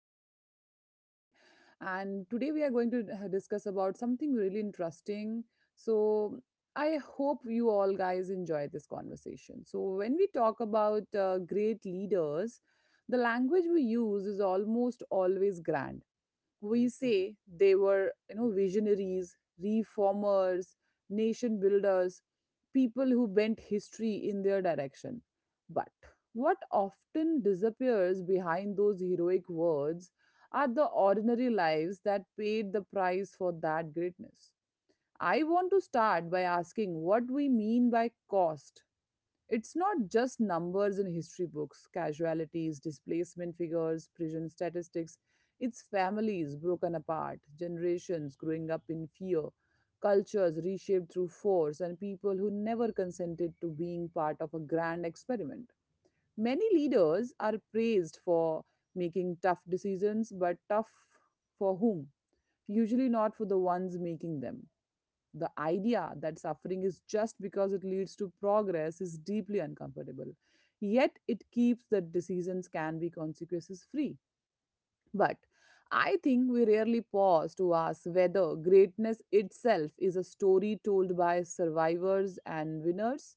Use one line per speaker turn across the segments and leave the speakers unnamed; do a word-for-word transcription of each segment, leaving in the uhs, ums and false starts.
host Samriti today. And today we are going to uh, discuss about something really interesting. So I hope you all guys enjoy this conversation. So when we talk about uh, great leaders, the language we use is almost always grand. We say they were, you know visionaries, reformers, nation builders, people who bent history in their direction. But what often disappears behind those heroic words are the ordinary lives that paid the price for that greatness. I want to start by asking what we mean by cost. It's not just numbers in history books, casualties, displacement figures, prison statistics. It's families broken apart, generations growing up in fear, cultures reshaped through force, and people who never consented to being part of a grand experiment. Many leaders are praised for making tough decisions, but tough for whom? Usually not for the ones making them. The idea that suffering is just because it leads to progress is deeply uncomfortable. Yet it keeps that decisions can be consequences free. But I think we rarely pause to ask whether greatness itself is a story told by survivors and winners,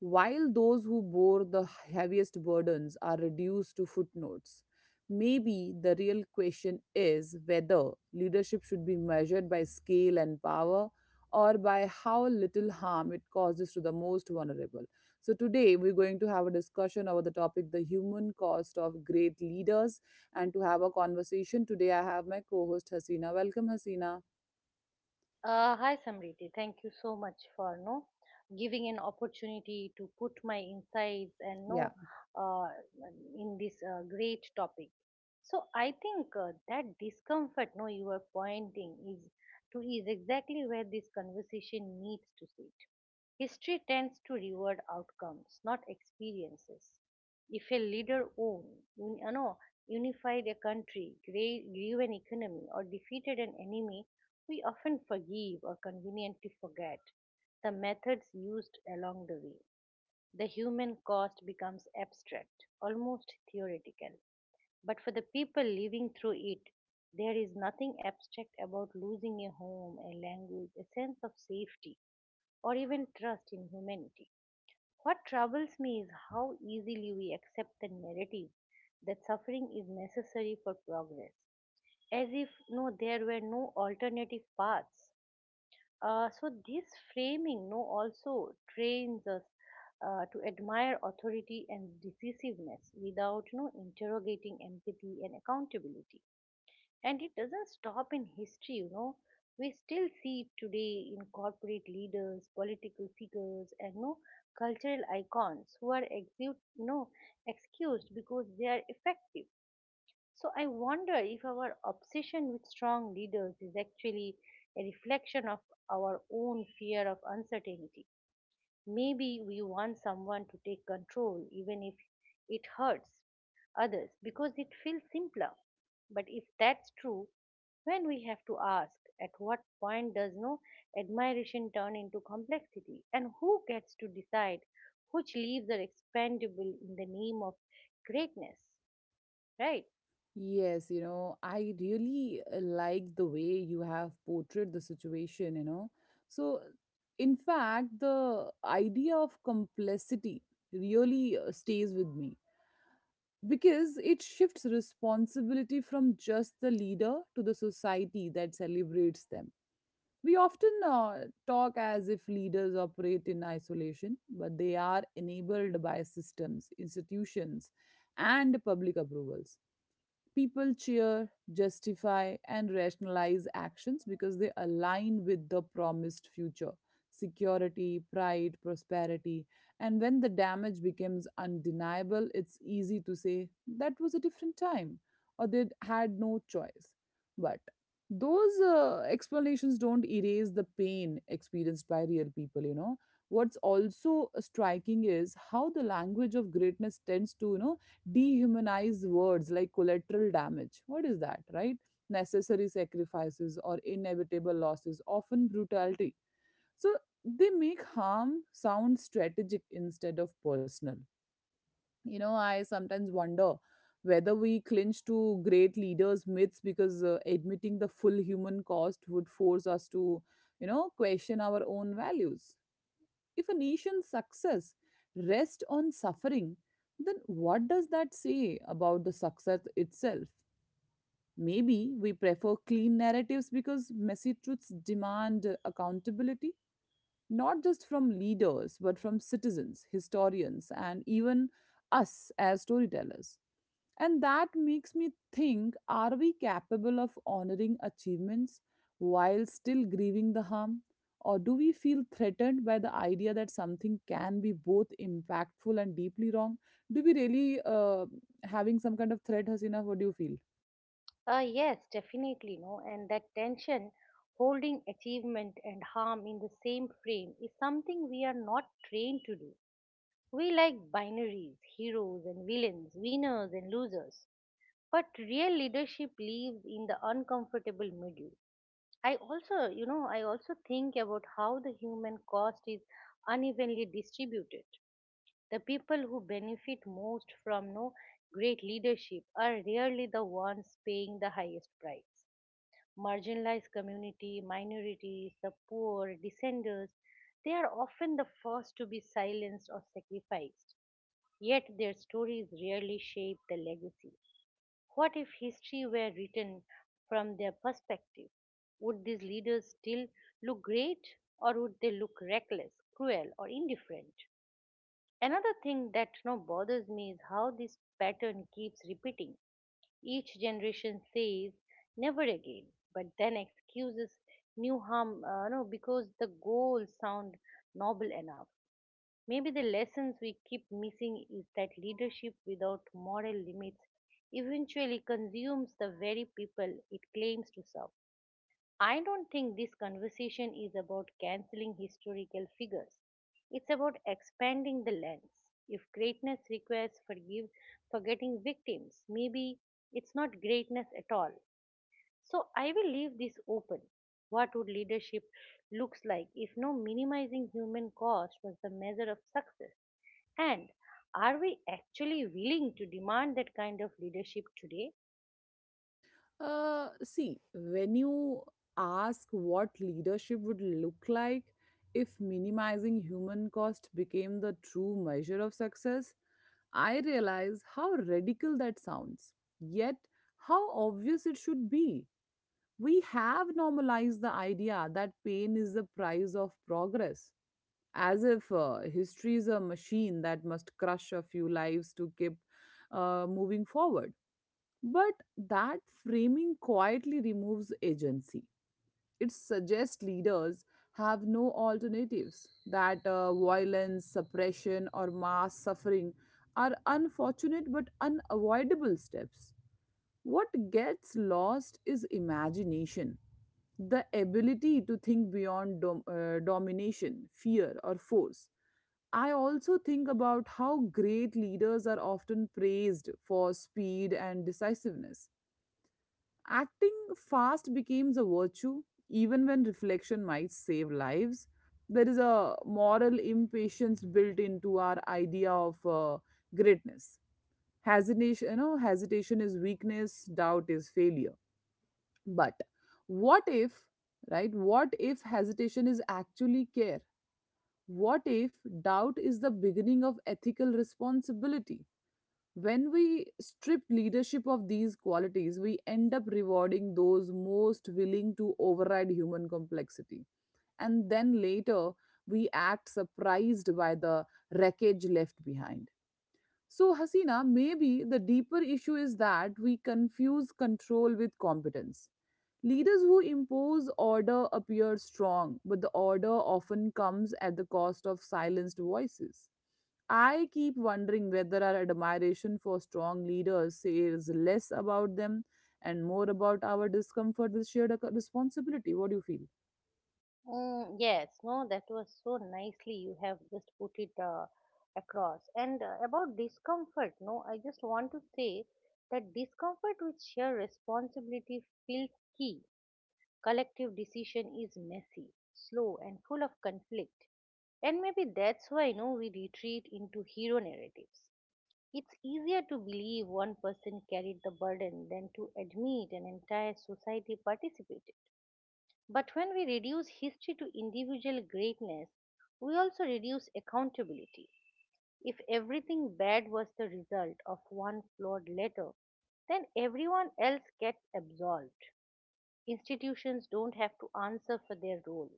while those who bore the heaviest burdens are reduced to footnotes. Maybe the real question is whether leadership should be measured by scale and power, or by how little harm it causes to the most vulnerable. So today we're going to have a discussion over the topic, the human cost of great leaders. And to have a conversation today, I have my co host Hasina. Welcome, Hasina.
Uh, hi Samriti, thank you so much for no giving an opportunity to put my insights and
Yeah.
no uh, in this uh, great topic. So I think uh, that discomfort no you are pointing is to is exactly where this conversation needs to sit. History tends to reward outcomes, not experiences. If a leader owned, un- you know, unified a country, great- grew an economy, or defeated an enemy, we often forgive or conveniently forget the methods used along the way. The human cost becomes abstract, almost theoretical. But for the people living through it, there is nothing abstract about losing a home, a language, a sense of safety, or even trust in humanity. What troubles me is how easily we accept the narrative that suffering is necessary for progress, as if no there were no alternative paths. Uh, so this framing no also trains us uh, to admire authority and decisiveness without no interrogating empathy and accountability. And it doesn't stop in history, you know. We still see it today in corporate leaders, political figures, and no cultural icons who are exu- no, excused because they are effective. So I wonder if our obsession with strong leaders is actually a reflection of our own fear of uncertainty. Maybe we want someone to take control even if it hurts others because it feels simpler. But if that's true, when we have to ask at what point does no admiration turn into complexity and who gets to decide which leaves are expandable in the name of greatness, right?
Yes, you know, I really uh, like the way you have portrayed the situation, you know. So, in fact, the idea of complicity really uh, stays with me, because it shifts responsibility from just the leader to the society that celebrates them. We often uh, talk as if leaders operate in isolation, but they are enabled by systems, institutions, and public approvals. People cheer, justify, and rationalize actions because they align with the promised future: security, pride, prosperity. And when the damage becomes undeniable, it's easy to say that was a different time, or they had no choice. But those uh, explanations don't erase the pain experienced by real people, you know. What's also striking is how the language of greatness tends to, you know, dehumanize. Words like collateral damage. What is that, right? Necessary sacrifices or inevitable losses, often brutality. So they make harm sound strategic instead of personal. You know, I sometimes wonder whether we clinch to great leaders' myths, because uh, admitting the full human cost would force us to, you know, question our own values. If a nation's success rests on suffering, then what does that say about the success itself? Maybe we prefer clean narratives because messy truths demand accountability, not just from leaders, but from citizens, historians, and even us as storytellers. And that makes me think, are we capable of honoring achievements while still grieving the harm? Or do we feel threatened by the idea that something can be both impactful and deeply wrong? Do we really uh, having some kind of threat, Hasina? What do you feel?
Uh, yes definitely, no and that tension holding achievement and harm in the same frame is something we are not trained to do. We like binaries, heroes and villains, winners and losers. But real leadership lives in the uncomfortable middle. I also, you know, I also think about how the human cost is unevenly distributed. The people who benefit most from no great leadership are rarely the ones paying the highest price. Marginalized community, minorities, the poor, dissenters, they are often the first to be silenced or sacrificed. Yet their stories rarely shape the legacy. What if history were written from their perspective? Would these leaders still look great, or would they look reckless, cruel, or indifferent? Another thing that, you know, bothers me is how this pattern keeps repeating. Each generation says, never again, but then excuses new harm uh, no, because the goals sound noble enough. Maybe the lessons we keep missing is that leadership without moral limits eventually consumes the very people it claims to serve. I don't think this conversation is about canceling historical figures. It's about expanding the lens. If greatness requires forgive forgetting victims, maybe it's not greatness at all. So I will leave this open. What would leadership looks like if no minimizing human cost was the measure of success? And are we actually willing to demand that kind of leadership today?
Uh, see, when you ask what leadership would look like if minimizing human cost became the true measure of success, I realize how radical that sounds, yet how obvious it should be. We have normalized the idea that pain is the price of progress, as if uh, history is a machine that must crush a few lives to keep uh, moving forward. But that framing quietly removes agency. It suggests leaders have no alternatives, that uh, violence, suppression, or mass suffering are unfortunate but unavoidable steps. What gets lost is imagination, the ability to think beyond dom- uh, domination, fear, or force. I also think about how great leaders are often praised for speed and decisiveness. Acting fast becomes a virtue, even when reflection might save lives. There is a moral impatience built into our idea of uh, greatness. Hesitation, you know, hesitation is weakness, doubt is failure. But what if, right? What if hesitation is actually care? What if doubt is the beginning of ethical responsibility? When we strip leadership of these qualities, we end up rewarding those most willing to override human complexity. And then later, we act surprised by the wreckage left behind. So, Hasina, maybe the deeper issue is that we confuse control with competence. Leaders who impose order appear strong, but the order often comes at the cost of silenced voices. I keep wondering whether our admiration for strong leaders says less about them and more about our discomfort with shared ac- responsibility. What do you feel?
Mm, yes, no, that was so nicely you have just put it uh, across. And uh, about discomfort, no, I just want to say that discomfort with shared responsibility feels key. Collective decision is messy, slow, and full of conflict. And maybe that's why, you know, we retreat into hero narratives. It's easier to believe one person carried the burden than to admit an entire society participated. But when we reduce history to individual greatness, we also reduce accountability. If everything bad was the result of one flawed letter, then everyone else gets absolved. Institutions don't have to answer for their role.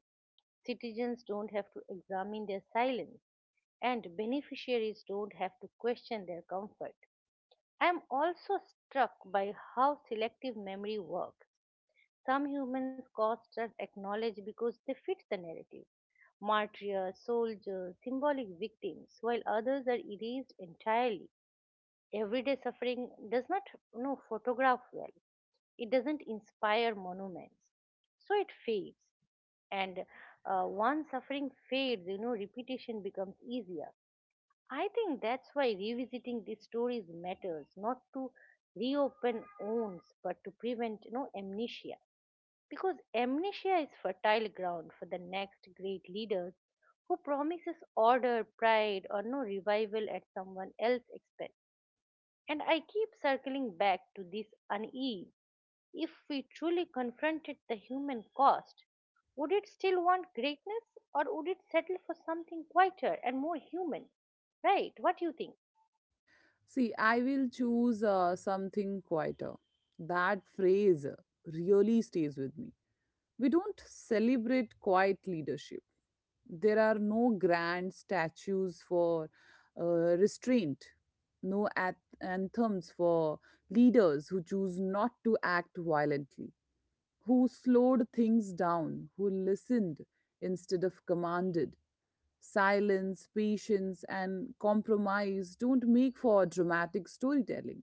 Citizens don't have to examine their silence. And beneficiaries don't have to question their comfort. I am also struck by how selective memory works. Some humans' costs are acknowledged because they fit the narrative: martyrs, soldiers, symbolic victims, while others are erased entirely. Everyday suffering does not, you know, photograph well, it doesn't inspire monuments. So it fades, and uh, once suffering fades, you know, repetition becomes easier. I think that's why revisiting these stories matters, not to reopen wounds, but to prevent, you know, amnesia. Because amnesia is fertile ground for the next great leaders who promises order, pride, or no revival at someone else's expense. And I keep circling back to this unease. If we truly confronted the human cost, would it still want greatness, or would it settle for something quieter and more human? Right, what do you think?
See, I will choose uh, something quieter. That phrase really stays with me. We don't celebrate quiet leadership. There are no grand statues for uh, restraint, no ath- anthems for leaders who choose not to act violently, who slowed things down, who listened instead of commanded. Silence, patience, and compromise don't make for dramatic storytelling.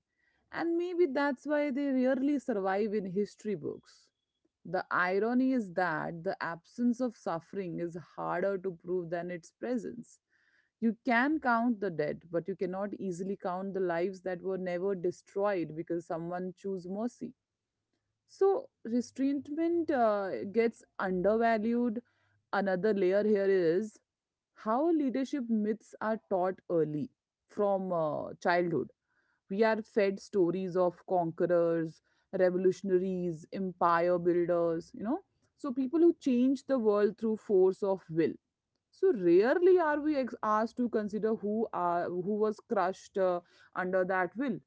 And maybe that's why they rarely survive in history books. The irony is that the absence of suffering is harder to prove than its presence. You can count the dead, but you cannot easily count the lives that were never destroyed because someone chose mercy, so restraintment uh, gets undervalued. Another layer here is how leadership myths are taught early, from uh, childhood. We are fed stories of conquerors, revolutionaries, empire builders, you know. So people who change the world through force of will. So rarely are we ex- asked to consider who are who was crushed uh, under that will.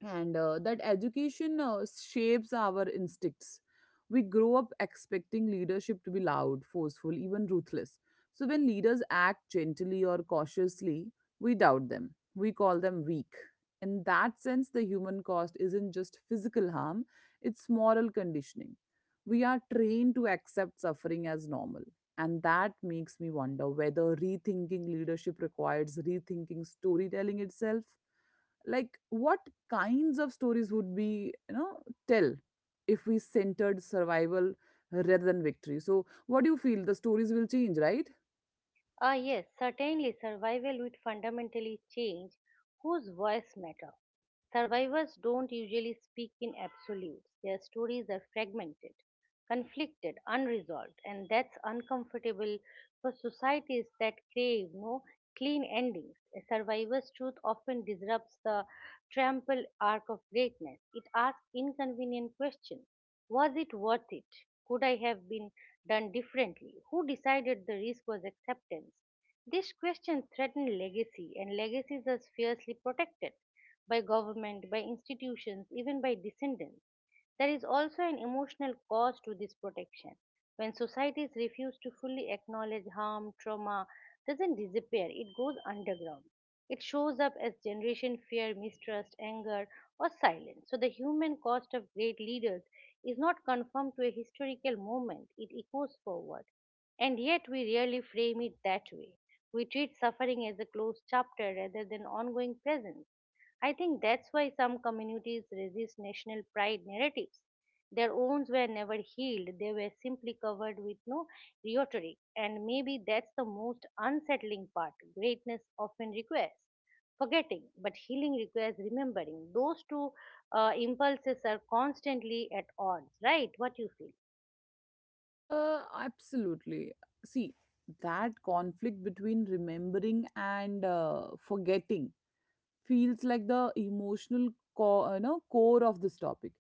And uh, that education uh, shapes our instincts. We grow up expecting leadership to be loud, forceful, even ruthless. So when leaders act gently or cautiously, we doubt them, we call them weak. In that sense, the human cost isn't just physical harm, it's moral conditioning. We are trained to accept suffering as normal. And that makes me wonder whether rethinking leadership requires rethinking storytelling itself. Like, what kinds of stories would we, you know, tell if we centered survival rather than victory? So what do you feel, the stories will change, right?
Ah, yes, certainly survival would fundamentally change whose voice matter. Survivors don't usually speak in absolutes. Their stories are fragmented, conflicted, unresolved, and that's uncomfortable for societies that crave no clean endings. A survivor's truth often disrupts the trampled arc of greatness. It asks inconvenient questions: was it worth it? Could I have been done differently? Who decided the risk was acceptance? These questions threaten legacy, and legacies are fiercely protected by government, by institutions, even by descendants. There is also an emotional cost to this protection. When societies refuse to fully acknowledge harm, trauma doesn't disappear, it goes underground. It shows up as generation fear, mistrust, anger, or silence. So the human cost of great leaders is not confined to a historical moment, it echoes forward. And yet we rarely frame it that way. We treat suffering as a closed chapter rather than ongoing presence. I think that's why some communities resist national pride narratives. Their wounds were never healed, they were simply covered with no rhetoric. And maybe that's the most unsettling part. Greatness often requires forgetting, but healing requires remembering. Those two uh, impulses are constantly at odds, right? What you feel?
Uh, absolutely. See, that conflict between remembering and uh, forgetting feels like the emotional core, you know, core of this topic.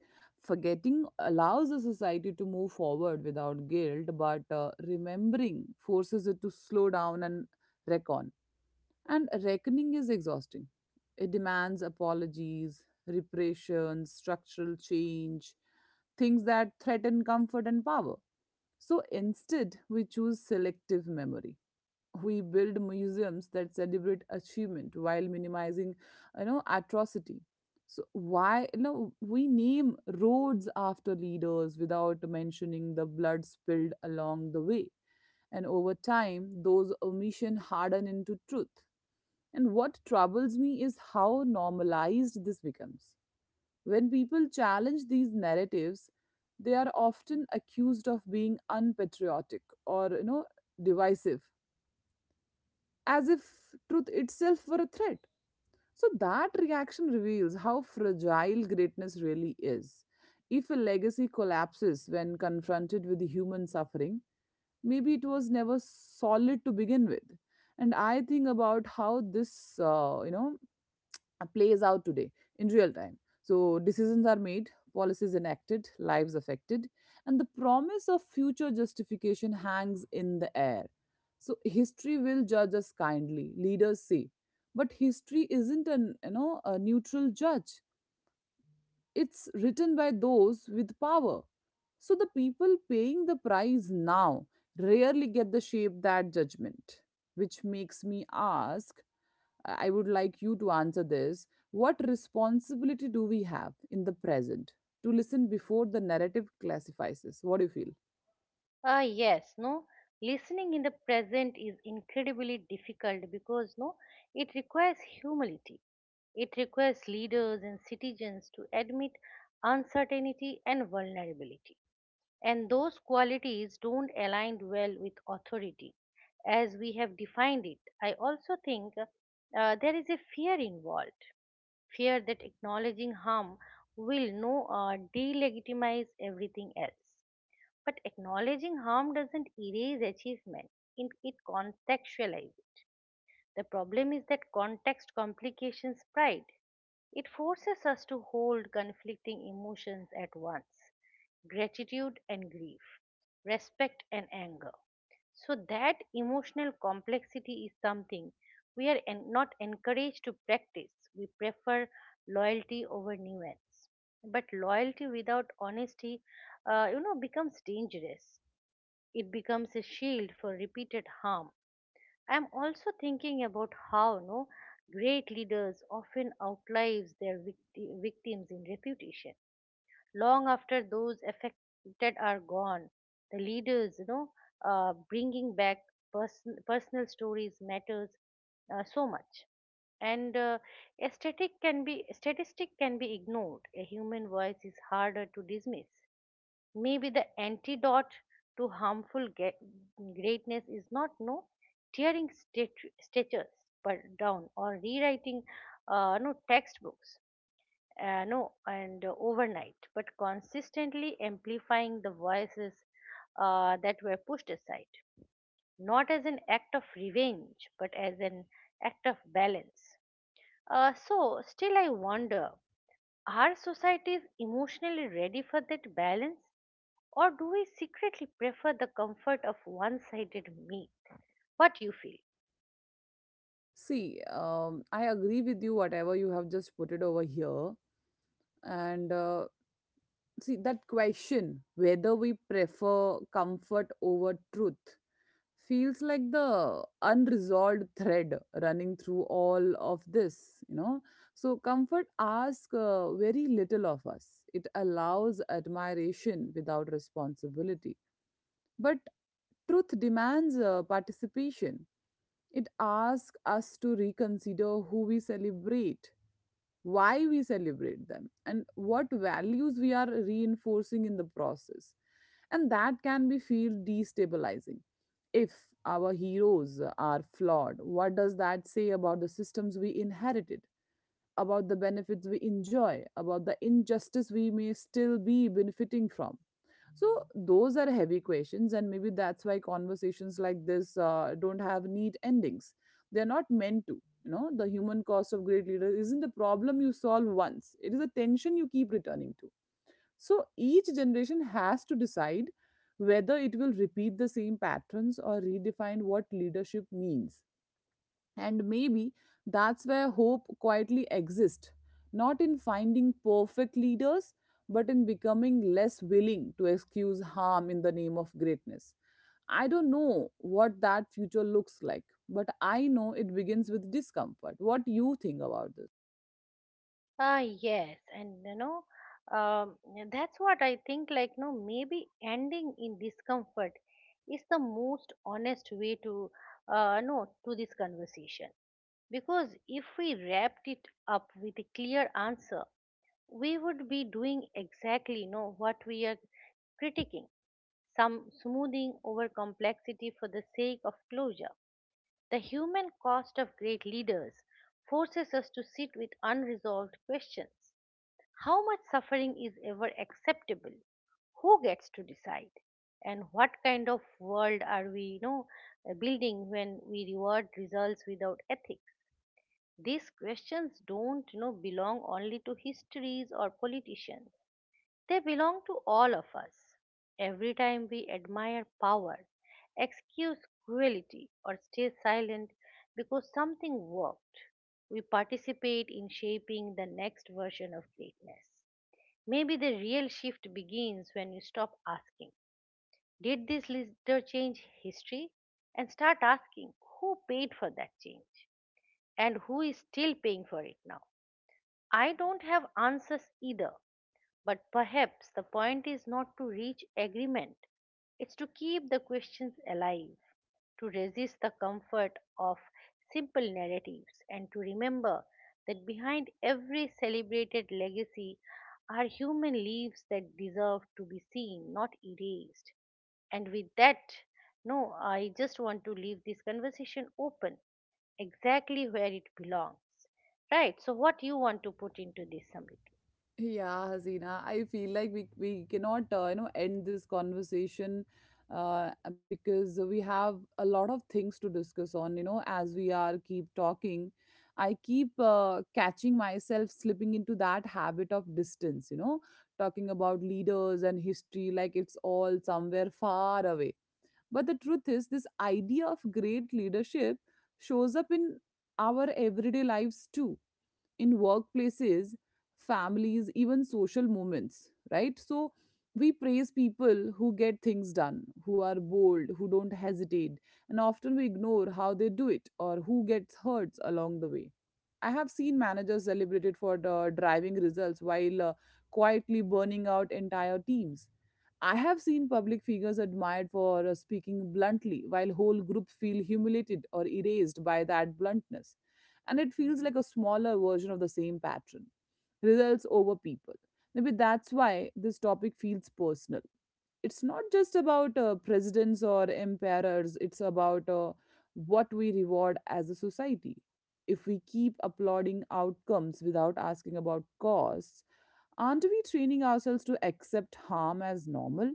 Forgetting allows the society to move forward without guilt, but uh, remembering forces it to slow down and reckon. And reckoning is exhausting. It demands apologies, reparations, structural change, things that threaten comfort and power. So instead, we choose selective memory. We build museums that celebrate achievement while minimizing, you know, atrocity. So why, you know, we name roads after leaders without mentioning the blood spilled along the way. And over time, those omission harden into truth. And what troubles me is how normalized this becomes. When people challenge these narratives, they are often accused of being unpatriotic or, you know, divisive, as if truth itself were a threat. So that reaction reveals how fragile greatness really is. If a legacy collapses when confronted with human suffering, maybe it was never solid to begin with. And I think about how this, uh, you know, uh, plays out today in real time. So decisions are made, policies enacted, lives affected, and the promise of future justification hangs in the air. So history will judge us kindly, leaders say, but history isn't an, you know, a neutral judge. It's written by those with power. So the people paying the price now rarely get the shape that judgment, which makes me ask, uh, I would like you to answer this. What responsibility do we have in the present to listen before the narrative classifies us? What do you feel?
Ah, yes, no. Listening in the present is incredibly difficult because, no, it requires humility. It requires leaders and citizens to admit uncertainty and vulnerability. And those qualities don't align well with authority as we have defined it. I also think uh, there is a fear involved, fear that acknowledging harm will no uh, delegitimize everything else, but acknowledging harm doesn't erase achievement, it, it contextualizes. The problem is that context complications pride. It forces us to hold conflicting emotions at once: gratitude and grief, respect and anger. So, that emotional complexity is something we are en- not encouraged to practice. We prefer loyalty over nuance. But loyalty without honesty, uh, you know, becomes dangerous, it becomes a shield for repeated harm. I am also thinking about how no great leaders often outlives their victi- victims in reputation. Long after those affected are gone, the leaders, you know, uh, bringing back person, personal stories matters uh, so much. And uh, aesthetic can be statistic can be ignored. A human voice is harder to dismiss. Maybe the antidote to harmful ge- greatness is not no tearing statu- statues but down or rewriting uh, no textbooks uh, no and uh, overnight but consistently amplifying the voices uh, that were pushed aside, not as an act of revenge but as an act of balance. Uh, so still I wonder, are societies emotionally ready for that balance, or do we secretly prefer the comfort of one sided meat? What do you feel?
See, um, I agree with you, whatever you have just put it over here. And uh, see, that question whether we prefer comfort over truth feels like the unresolved thread running through all of this, you know. So comfort asks uh, very little of us. It allows admiration without responsibility. But truth demands uh, participation. It asks us to reconsider who we celebrate, why we celebrate them, and what values we are reinforcing in the process. And that can be feel destabilizing. If our heroes are flawed, what does that say about the systems we inherited, about the benefits we enjoy, about the injustice we may still be benefiting from? So those are heavy questions, and maybe that's why conversations like this uh, don't have neat endings. They're not meant to. You know, the human cost of great leaders isn't a problem you solve once. It is a tension you keep returning to. So each generation has to decide whether it will repeat the same patterns or redefine what leadership means. And maybe that's where hope quietly exists, not in finding perfect leaders, but in becoming less willing to excuse harm in the name of greatness. I don't know what that future looks like, but I know it begins with discomfort. What do you think about this?
Ah, yes, and you know, um, yeah, that's what I think. Like, no, maybe ending in discomfort is the most honest way to, uh, no, to this conversation. Because if we wrapped it up with a clear answer, we would be doing exactly, no, what we are critiquing. Some smoothing over complexity for the sake of closure. The human cost of great leaders forces us to sit with unresolved questions. How much suffering is ever acceptable? Who gets to decide? And what kind of world are we, you know, uh, building when we reward results without ethics? These questions don't, you know, belong only to histories or politicians. They belong to all of us. Every time we admire power, excuse cruelty, or stay silent because something worked, we participate in shaping the next version of greatness. Maybe the real shift begins when you stop asking, did this leader change history? And start asking, who paid for that change? And who is still paying for it now? I don't have answers either, but perhaps the point is not to reach agreement, it's to keep the questions alive, to resist the comfort of simple narratives, and to remember that behind every celebrated legacy are human lives that deserve to be seen, not erased. And with that, no, I just want to leave this conversation open, exactly where it belongs. Right, so what you want to put into this, Samrit?
Yeah, Hasina, I feel like we we cannot uh, you know end this conversation uh, because we have a lot of things to discuss on. You know, as we are keep talking, I keep uh, catching myself slipping into that habit of distance. You know, talking about leaders and history like it's all somewhere far away. But the truth is, this idea of great leadership shows up in our everyday lives too, in workplaces, families, even social moments, right? So we praise people who get things done, who are bold, who don't hesitate, and often we ignore how they do it or who gets hurt along the way. I have seen managers celebrated for the driving results while uh, quietly burning out entire teams. I have seen public figures admired for uh, speaking bluntly, while whole groups feel humiliated or erased by that bluntness. And it feels like a smaller version of the same pattern, results over people. Maybe that's why this topic feels personal. It's not just about uh, presidents or emperors, it's about uh, what we reward as a society. If we keep applauding outcomes without asking about costs, aren't we training ourselves to accept harm as normal?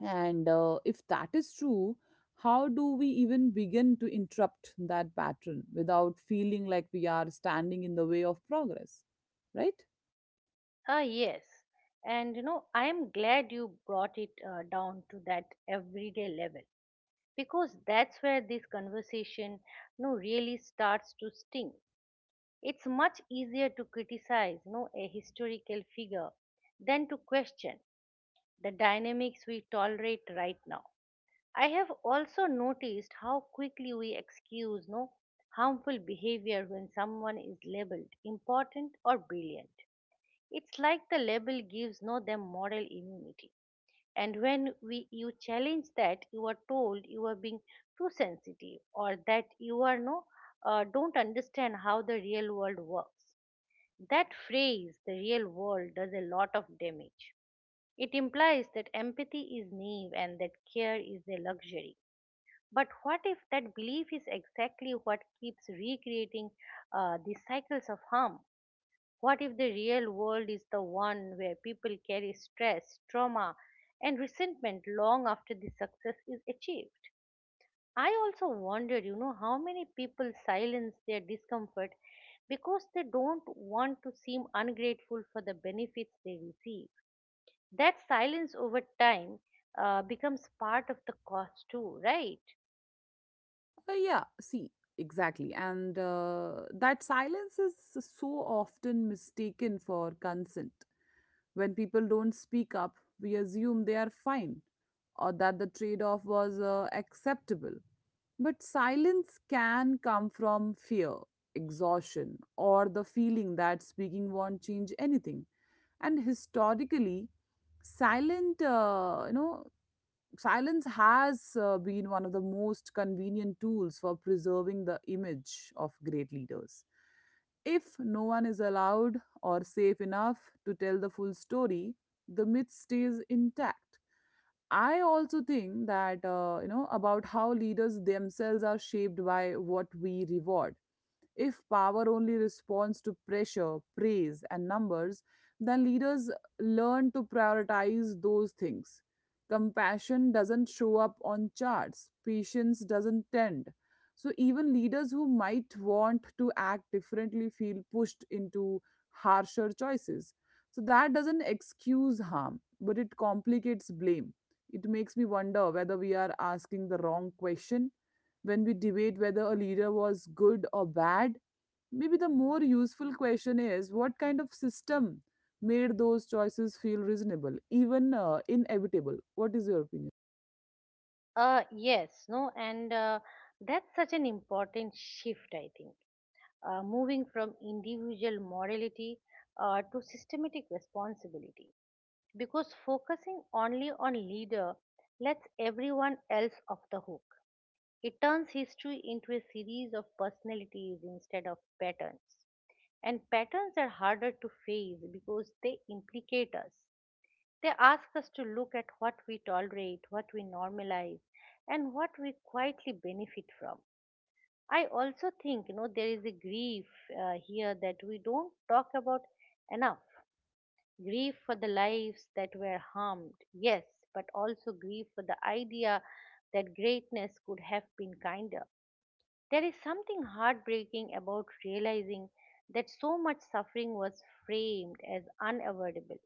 And uh, if that is true, how do we even begin to interrupt that pattern without feeling like we are standing in the way of progress? Right?
Ah, yes. And you know, I am glad you brought it uh, down to that everyday level because that's where this conversation, you know, really starts to sting. It's much easier to criticize, you know, a historical figure than to question the dynamics we tolerate right now. I have also noticed how quickly we excuse no harmful behavior when someone is labeled important or brilliant, it's like the label gives no them moral immunity. And when we you challenge that, you are told you are being too sensitive, or that you are no uh, don't understand how the real world works. That phrase, the real world, does a lot of damage. It implies that empathy is naive and that care is a luxury. But what if that belief is exactly what keeps recreating uh, these cycles of harm? What if the real world is the one where people carry stress, trauma, and resentment long after the success is achieved? I also wonder, you know, how many people silence their discomfort because they don't want to seem ungrateful for the benefits they receive. That silence over time uh, becomes part of the cost too, right?
Uh, yeah, see, exactly. And uh, that silence is so often mistaken for consent. When people don't speak up, we assume they are fine or that the trade off was uh, acceptable. But silence can come from fear, exhaustion, or the feeling that speaking won't change anything. And historically, silent, uh, you know, silence has uh, been one of the most convenient tools for preserving the image of great leaders. If no one is allowed or safe enough to tell the full story, the myth stays intact. I also think that uh, you know about how leaders themselves are shaped by what we reward. If power only responds to pressure, praise, and numbers, then leaders learn to prioritize those things. Compassion doesn't show up on charts, patience doesn't tend. So, even leaders who might want to act differently feel pushed into harsher choices. So, that doesn't excuse harm, but it complicates blame. It makes me wonder whether we are asking the wrong question. When we debate whether a leader was good or bad, maybe the more useful question is what kind of system made those choices feel reasonable, even uh, inevitable? What is your opinion?
Uh, yes, no, and uh, that's such an important shift, I think. uh, moving from individual morality uh, to systematic responsibility. Because focusing only on leader lets everyone else off the hook. It turns history into a series of personalities instead of patterns. And patterns are harder to face because they implicate us. They ask us to look at what we tolerate, what we normalize, and what we quietly benefit from. I also think, you know, there is a grief uh, here that we don't talk about enough. Grief for the lives that were harmed, yes, but also grief for the idea that greatness could have been kinder. There is something heartbreaking about realizing that so much suffering was framed as unavoidable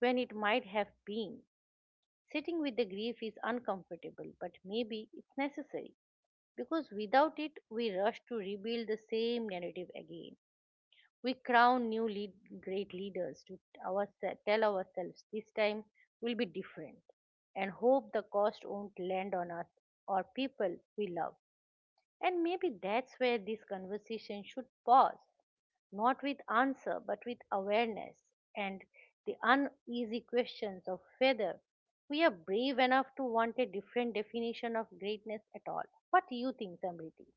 when it might have been. Sitting with the grief is uncomfortable, but maybe it's necessary because without it we rush to rebuild the same narrative again. We crown new lead, great leaders to ourselves, tell ourselves this time will be different, and hope the cost won't land on us or people we love. And maybe that's where this conversation should pause, not with answer but with awareness, and the uneasy questions of whether we are brave enough to want a different definition of greatness at all. What do you think, samriti?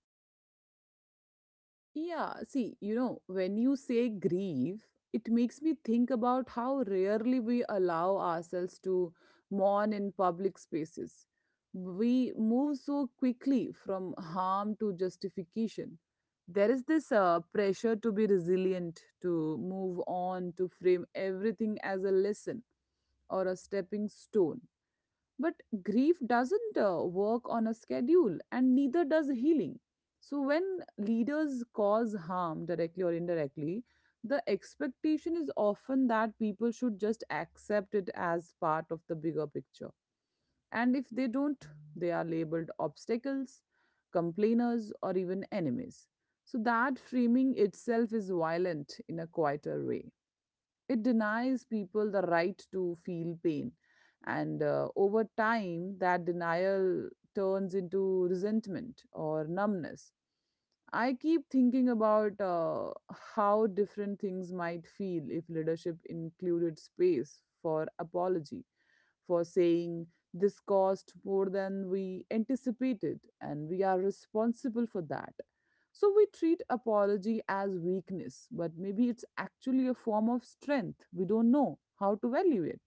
Yeah, see, you know, when you say grieve, it makes me think about how rarely we allow ourselves to mourn in public spaces. We move so quickly from harm to justification. There is this uh, pressure to be resilient, to move on, to frame everything as a lesson or a stepping stone, but grief doesn't uh, work on a schedule, and neither does healing. So, when leaders cause harm directly or indirectly, the expectation is often that people should just accept it as part of the bigger picture. And if they don't, they are labeled obstacles, complainers, or even enemies. So, that framing itself is violent in a quieter way. It denies people the right to feel pain. And uh, over time, that denial turns into resentment or numbness. I keep thinking about uh, how different things might feel if leadership included space for apology, for saying this cost more than we anticipated and we are responsible for that. So we treat apology as weakness, but maybe it's actually a form of strength. We don't know how to value it.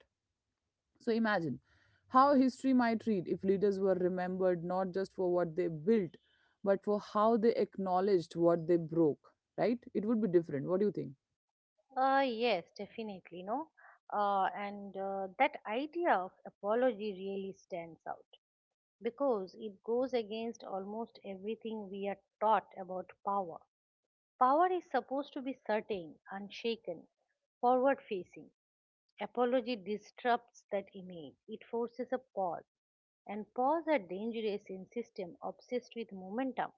So imagine how history might read if leaders were remembered not just for what they built, but for how they acknowledged what they broke, right? It would be different. What do you think?
Uh, yes, definitely, no. Uh, and uh, That idea of apology really stands out because it goes against almost everything we are taught about power. Power is supposed to be certain, unshaken, forward facing. Apology disrupts that image. It forces a pause, and pause are dangerous in system obsessed with momentum.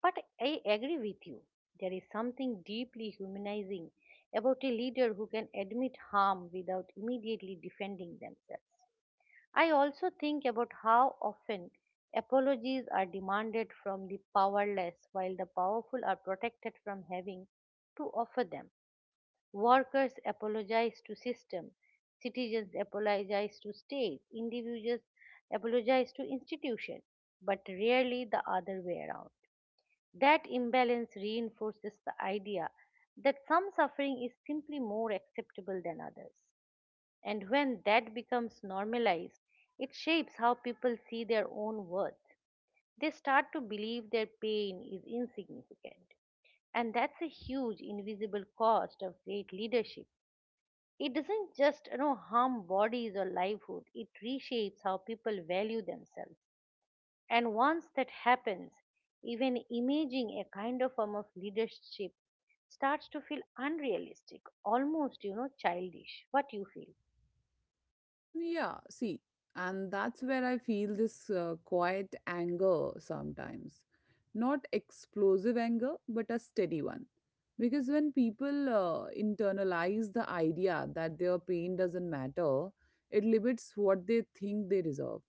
But I agree with you. There is something deeply humanizing about a leader who can admit harm without immediately defending themselves. I also think about how often apologies are demanded from the powerless while the powerful are protected from having to offer them. Workers apologize to system, citizens apologize to state, individuals apologize to institution, but rarely the other way around. That imbalance reinforces the idea that some suffering is simply more acceptable than others. And when that becomes normalized, it shapes how people see their own worth. They start to believe their pain is insignificant. And that's a huge invisible cost of great leadership. It doesn't just you know, harm bodies or livelihood, it reshapes how people value themselves. And once that happens, even imaging a kind of form of leadership starts to feel unrealistic, almost, you know, childish. What you feel?
Yeah, see, and that's where I feel this uh, quiet anger sometimes. Not explosive anger, but a steady one. Because when people uh, internalize the idea that their pain doesn't matter, it limits what they think they deserve.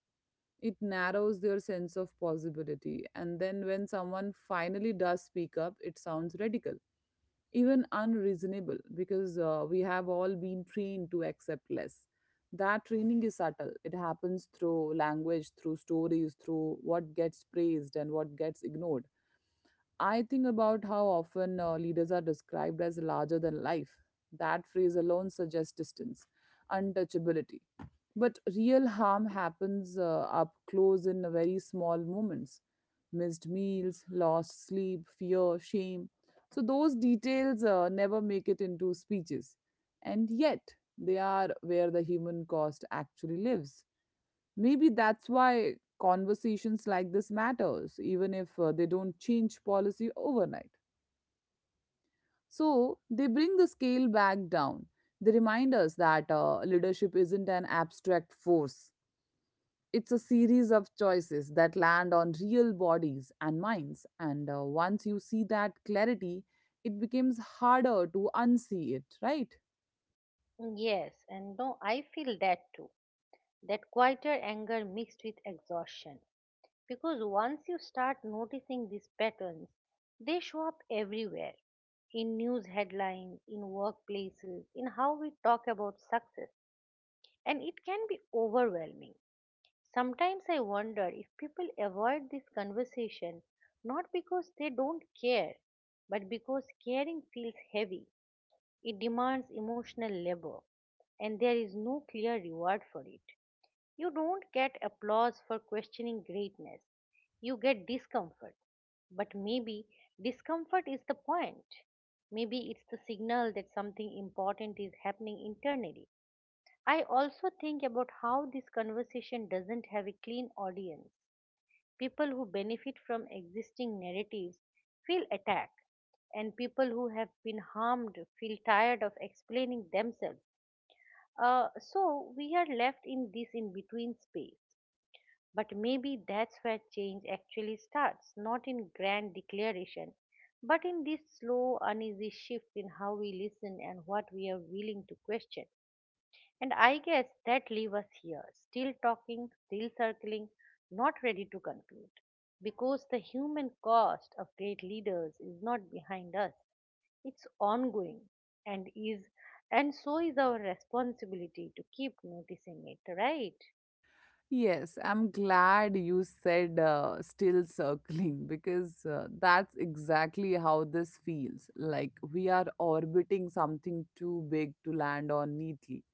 It narrows their sense of possibility. And then when someone finally does speak up, it sounds radical, even unreasonable, because uh, we have all been trained to accept less. That training is subtle. It happens through language, through stories, through what gets praised and what gets ignored. I think about how often uh, leaders are described as larger than life. That phrase alone suggests distance, untouchability. But real harm happens uh, up close in very small moments, missed meals, lost sleep, fear, shame. So, those details uh, never make it into speeches. And yet, they are where the human cost actually lives. Maybe that's why conversations like this matters, even if uh, they don't change policy overnight. So they bring the scale back down. They remind us that uh, leadership isn't an abstract force, it's a series of choices that land on real bodies and minds. And uh, once you see that clarity, it becomes harder to unsee it, right?
Yes, and no, I feel that too. That quieter anger mixed with exhaustion. Because once you start noticing these patterns, they show up everywhere in news headlines, in workplaces, in how we talk about success. And it can be overwhelming. Sometimes I wonder if people avoid this conversation not because they don't care, but because caring feels heavy. It demands emotional labor, and there is no clear reward for it. You don't get applause for questioning greatness, you get discomfort. But maybe discomfort is the point. Maybe it's the signal that something important is happening internally. I also think about how this conversation doesn't have a clean audience. People who benefit from existing narratives feel attacked, and people who have been harmed feel tired of explaining themselves. Uh, so we are left in this in between space. But maybe that's where change actually starts, not in grand declaration, but in this slow, uneasy shift in how we listen and what we are willing to question. And I guess that leave us here, still talking, still circling, not ready to conclude. Because the human cost of great leaders is not behind us, it's ongoing, and is, and so is our responsibility to keep noticing it, right?
Yes, I'm glad you said uh, still circling because uh, that's exactly how this feels. Like we are orbiting something too big to land on neatly.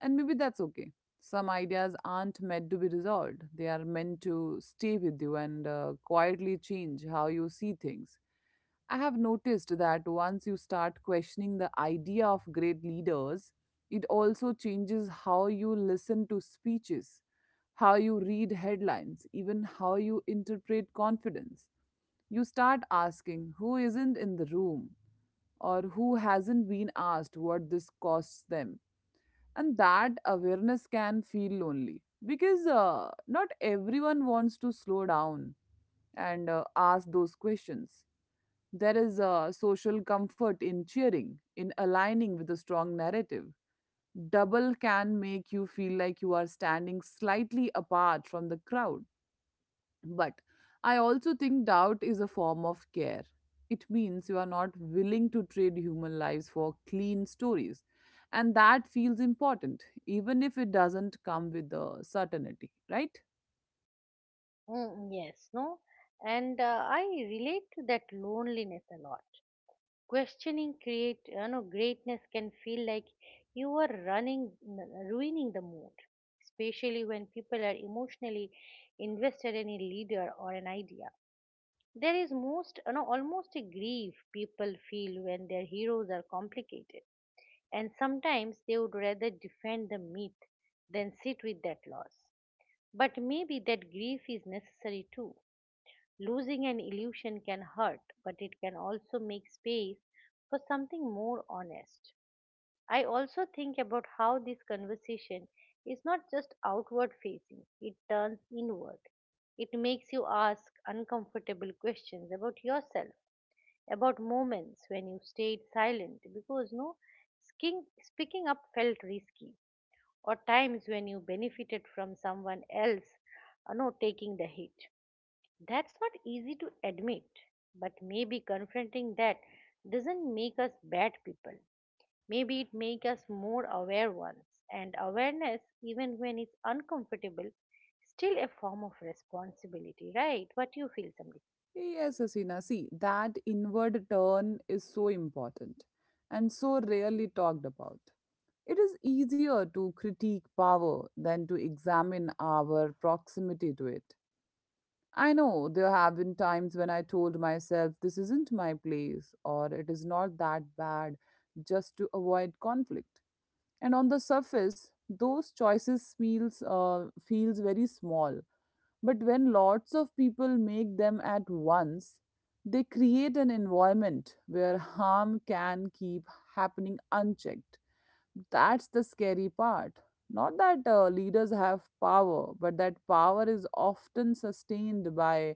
And maybe that's okay. Some ideas aren't meant to be resolved, they are meant to stay with you and uh, quietly change how you see things. I have noticed that once you start questioning the idea of great leaders, it also changes how you listen to speeches, how you read headlines, even how you interpret confidence. You start asking who isn't in the room or who hasn't been asked what this costs them. And that awareness can feel lonely because uh, not everyone wants to slow down and uh, ask those questions. There is a social comfort in cheering, in aligning with a strong narrative. Double can make you feel like you are standing slightly apart from the crowd, but I also think doubt is a form of care. It means you are not willing to trade human lives for clean stories. And that feels important, even if it doesn't come with the certainty, right?
Mm, yes, no? And uh, I relate to that loneliness a lot. Questioning create you know greatness can feel like you are running ruining the mood, especially when people are emotionally invested in a leader or an idea. There is most you know almost a grief people feel when their heroes are complicated, and sometimes they would rather defend the myth than sit with that loss. But maybe that grief is necessary too. Losing an illusion can hurt, but it can also make space for something more honest. I also think about how this conversation is not just outward facing, it turns inward. It makes you ask uncomfortable questions about yourself, about moments when you stayed silent because no skin, speaking up felt risky, or times when you benefited from someone else uh, no, taking the hit. That's not easy to admit, but maybe confronting that doesn't make us bad people. Maybe it makes us more aware ones. And awareness, even when it's uncomfortable, still a form of responsibility, right? What you feel, Samri?
Yes, Asina. See, that inward turn is so important and so rarely talked about. It is easier to critique power than to examine our proximity to it. I know there have been times when I told myself this isn't my place or it is not that bad just to avoid conflict. And on the surface, those choices feels, uh, feels very small. But when lots of people make them at once, they create an environment where harm can keep happening unchecked. That's the scary part. Not that uh, leaders have power, but that power is often sustained by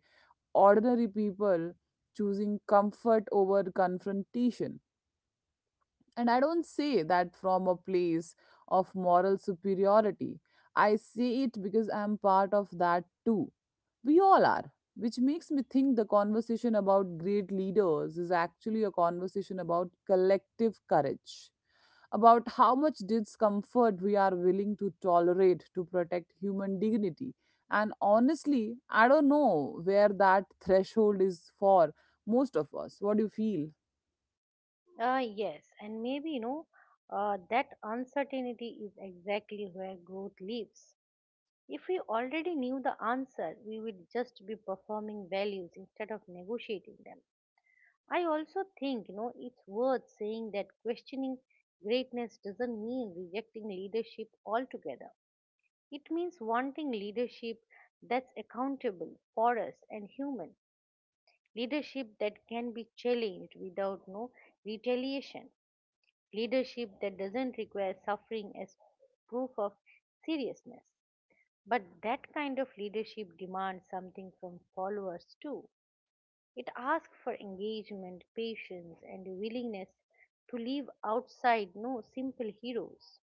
ordinary people choosing comfort over confrontation. And I don't say that from a place of moral superiority. I say it because I'm part of that too. We all are, which makes me think the conversation about great leaders is actually a conversation about collective courage, about how much discomfort we are willing to tolerate to protect human dignity. And honestly, I don't know where that threshold is for most of us. What do you feel?
Uh, yes, and maybe you know uh, that uncertainty is exactly where growth lives. If we already knew the answer, we would just be performing values instead of negotiating them. I also think, you know, it's worth saying that questioning greatness doesn't mean rejecting leadership altogether. It means wanting leadership that's accountable for us and human, leadership that can be challenged without no retaliation, leadership that doesn't require suffering as proof of seriousness. But that kind of leadership demands something from followers too. It asks for engagement, patience, and a willingness to live outside no simple heroes.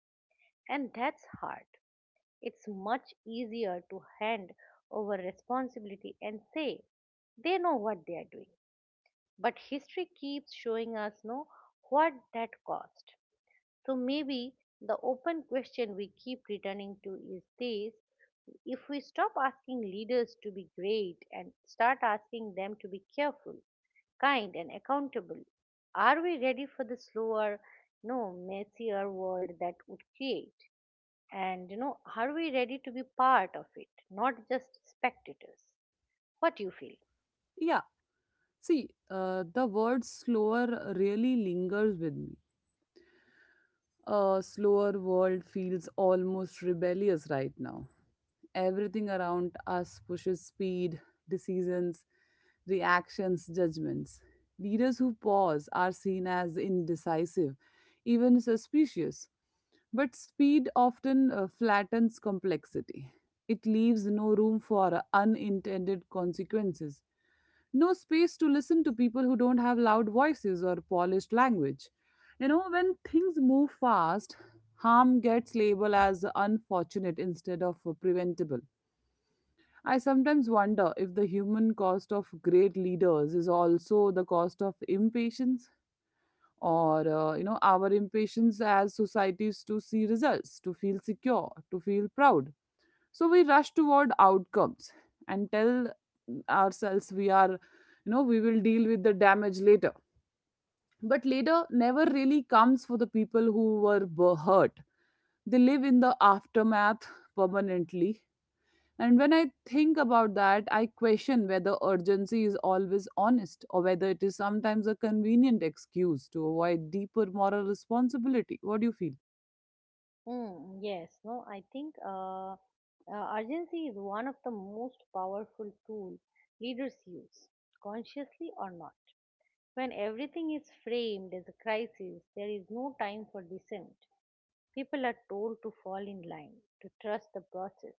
And that's hard. It's much easier to hand over responsibility and say they know what they are doing. But history keeps showing us no what that cost. So maybe the open question we keep returning to is this: if we stop asking leaders to be great and start asking them to be careful, kind and accountable? Are we ready for the slower, no, messier world that would create? And you know, are we ready to be part of it, not just spectators? What do you feel?
Yeah, see, uh, the word slower really lingers with me. A slower world feels almost rebellious right now. Everything around us pushes speed, decisions, reactions, judgments. Leaders who pause are seen as indecisive, even suspicious. But speed often uh, flattens complexity. It leaves no room for unintended consequences, no space to listen to people who don't have loud voices or polished language. You know, when things move fast, harm gets labeled as unfortunate instead of preventable. I sometimes wonder if the human cost of great leaders is also the cost of impatience, or uh, you know our impatience as societies to see results, to feel secure, to feel proud. So we rush toward outcomes and tell ourselves we are, you know, we will deal with the damage later, but later never really comes for the people who were bu- hurt. They live in the aftermath permanently. And when I think about that, I question whether urgency is always honest or whether it is sometimes a convenient excuse to avoid deeper moral responsibility. What do you feel?
Mm, yes, no, I think uh, uh, urgency is one of the most powerful tool leaders use, consciously or not. When everything is framed as a crisis, there is no time for dissent. People are told to fall in line, to trust the process,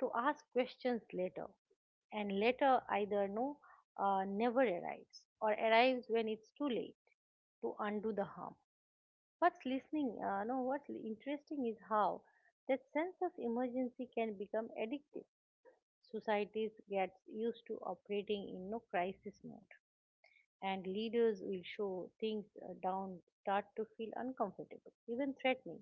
to ask questions later. And later either no, uh, never arrives or arrives when it's too late to undo the harm. What's listening? Uh, no, what's interesting is how that sense of emergency can become addictive. Societies get used to operating in no crisis mode, and leaders will show things uh, down start to feel uncomfortable, even threatening.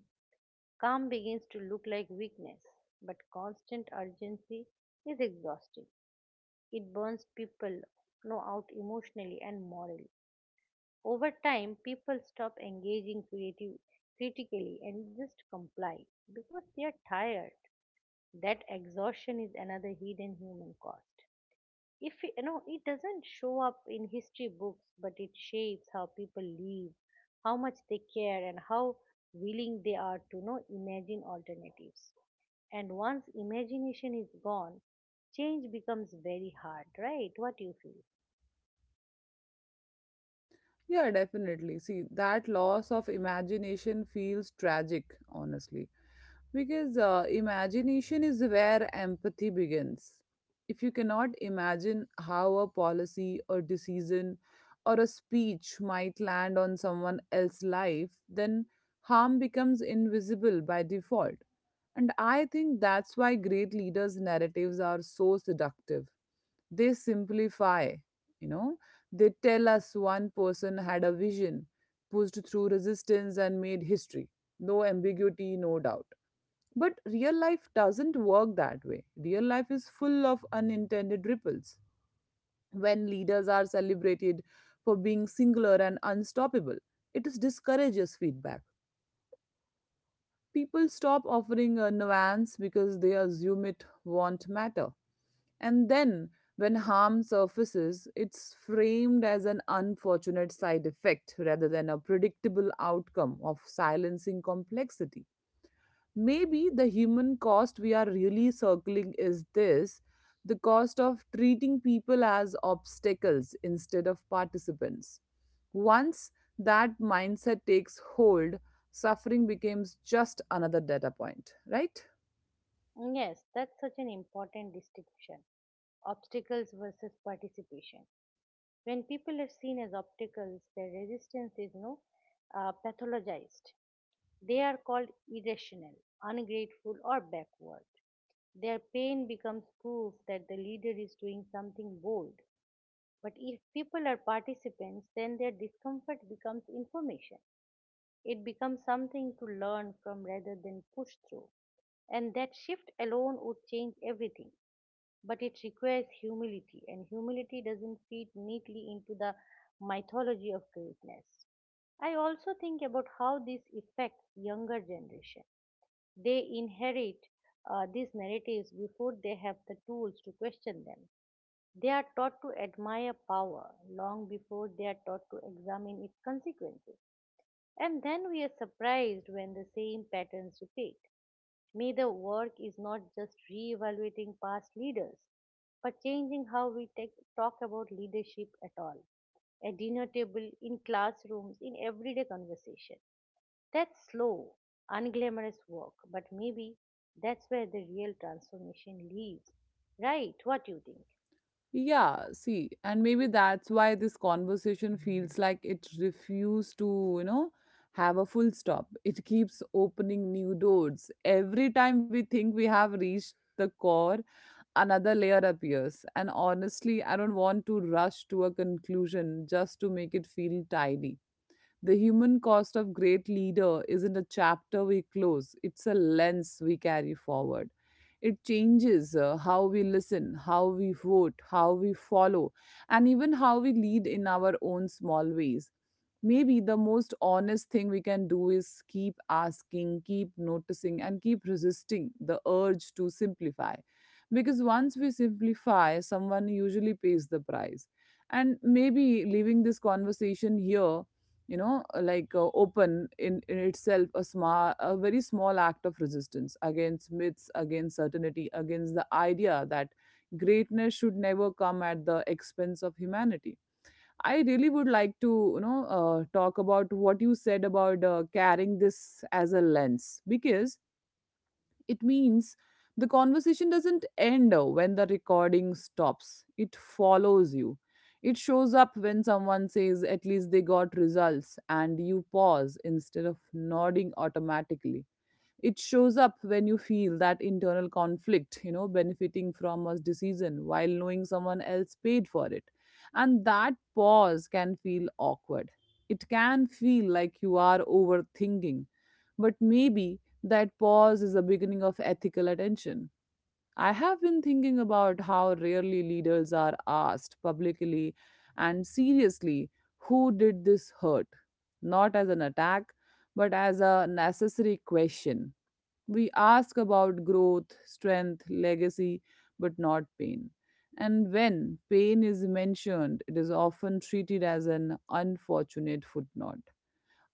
Calm begins to look like weakness, but constant urgency is exhausting. It burns people no out emotionally and morally. Over time, people stop engaging creative, critically and just comply because they are tired. That exhaustion is another hidden human cost. If we- you know, It doesn't show up in history books, but it shapes how people live, how much they care, and how willing they are to you know imagine alternatives. And once imagination is gone, change becomes very hard, right? What you feel?
Yeah, definitely. See, that loss of imagination feels tragic, honestly, because uh, imagination is where empathy begins. If you cannot imagine how a policy or decision or a speech might land on someone else's life, then harm becomes invisible by default. And I think that's why great leaders' narratives are so seductive. They simplify, you know, they tell us one person had a vision, pushed through resistance, and made history. No ambiguity, no doubt. But real life doesn't work that way. Real life is full of unintended ripples. When leaders are celebrated for being singular and unstoppable, it discourages feedback. People stop offering a nuance because they assume it won't matter. And then, when harm surfaces, it's framed as an unfortunate side effect rather than a predictable outcome of silencing complexity. Maybe the human cost we are really circling is this, the cost of treating people as obstacles instead of participants. Once that mindset takes hold, suffering becomes just another data point, right?
Yes, that's such an important distinction, obstacles versus participation. When people are seen as obstacles their resistance is no uh, pathologized. They are called irrational, ungrateful or backward. Their pain becomes proof that the leader is doing something bold. But if people are participants then their discomfort becomes information. It becomes something to learn from rather than push through. And that shift alone would change everything. But it requires humility, and humility doesn't fit neatly into the mythology of greatness. I also think about how this affects younger generation. They inherit uh, these narratives before they have the tools to question them. They are taught to admire power long before they are taught to examine its consequences. And then we are surprised when the same patterns repeat. Neither work is not just re-evaluating past leaders, but changing how we take, talk about leadership at all. At dinner table, in classrooms, in everyday conversation. That's slow, unglamorous work, but maybe that's where the real transformation lives. Right, what do you think?
Yeah, see, and maybe that's why this conversation feels like it refused to, you know, have a full stop. It keeps opening new doors. Every time we think we have reached the core, another layer appears. And honestly, I don't want to rush to a conclusion just to make it feel tidy. The human cost of great leader isn't a chapter we close, it's a lens we carry forward. It changes, uh, how we listen, how we vote, how we follow, and even how we lead in our own small ways. Maybe the most honest thing we can do is keep asking, keep noticing, and keep resisting the urge to simplify. Because once we simplify, someone usually pays the price. And maybe leaving this conversation here, you know uh, like uh, open, in, in itself, a small a very small act of resistance against myths, against certainty, against the idea that greatness should never come at the expense of humanity. I really would like to, you know uh, talk about what you said about, uh, carrying this as a lens, because it means the conversation doesn't end when the recording stops, it follows you. It shows up when someone says, at least they got results, and you pause instead of nodding automatically. It shows up when you feel that internal conflict, you know, benefiting from a decision while knowing someone else paid for it. And that pause can feel awkward. It can feel like you are overthinking, but maybe that pause is the beginning of ethical attention. I have been thinking about how rarely leaders are asked publicly and seriously, who did this hurt, not as an attack, but as a necessary question. We ask about growth, strength, legacy, but not pain. And when pain is mentioned, it is often treated as an unfortunate footnote.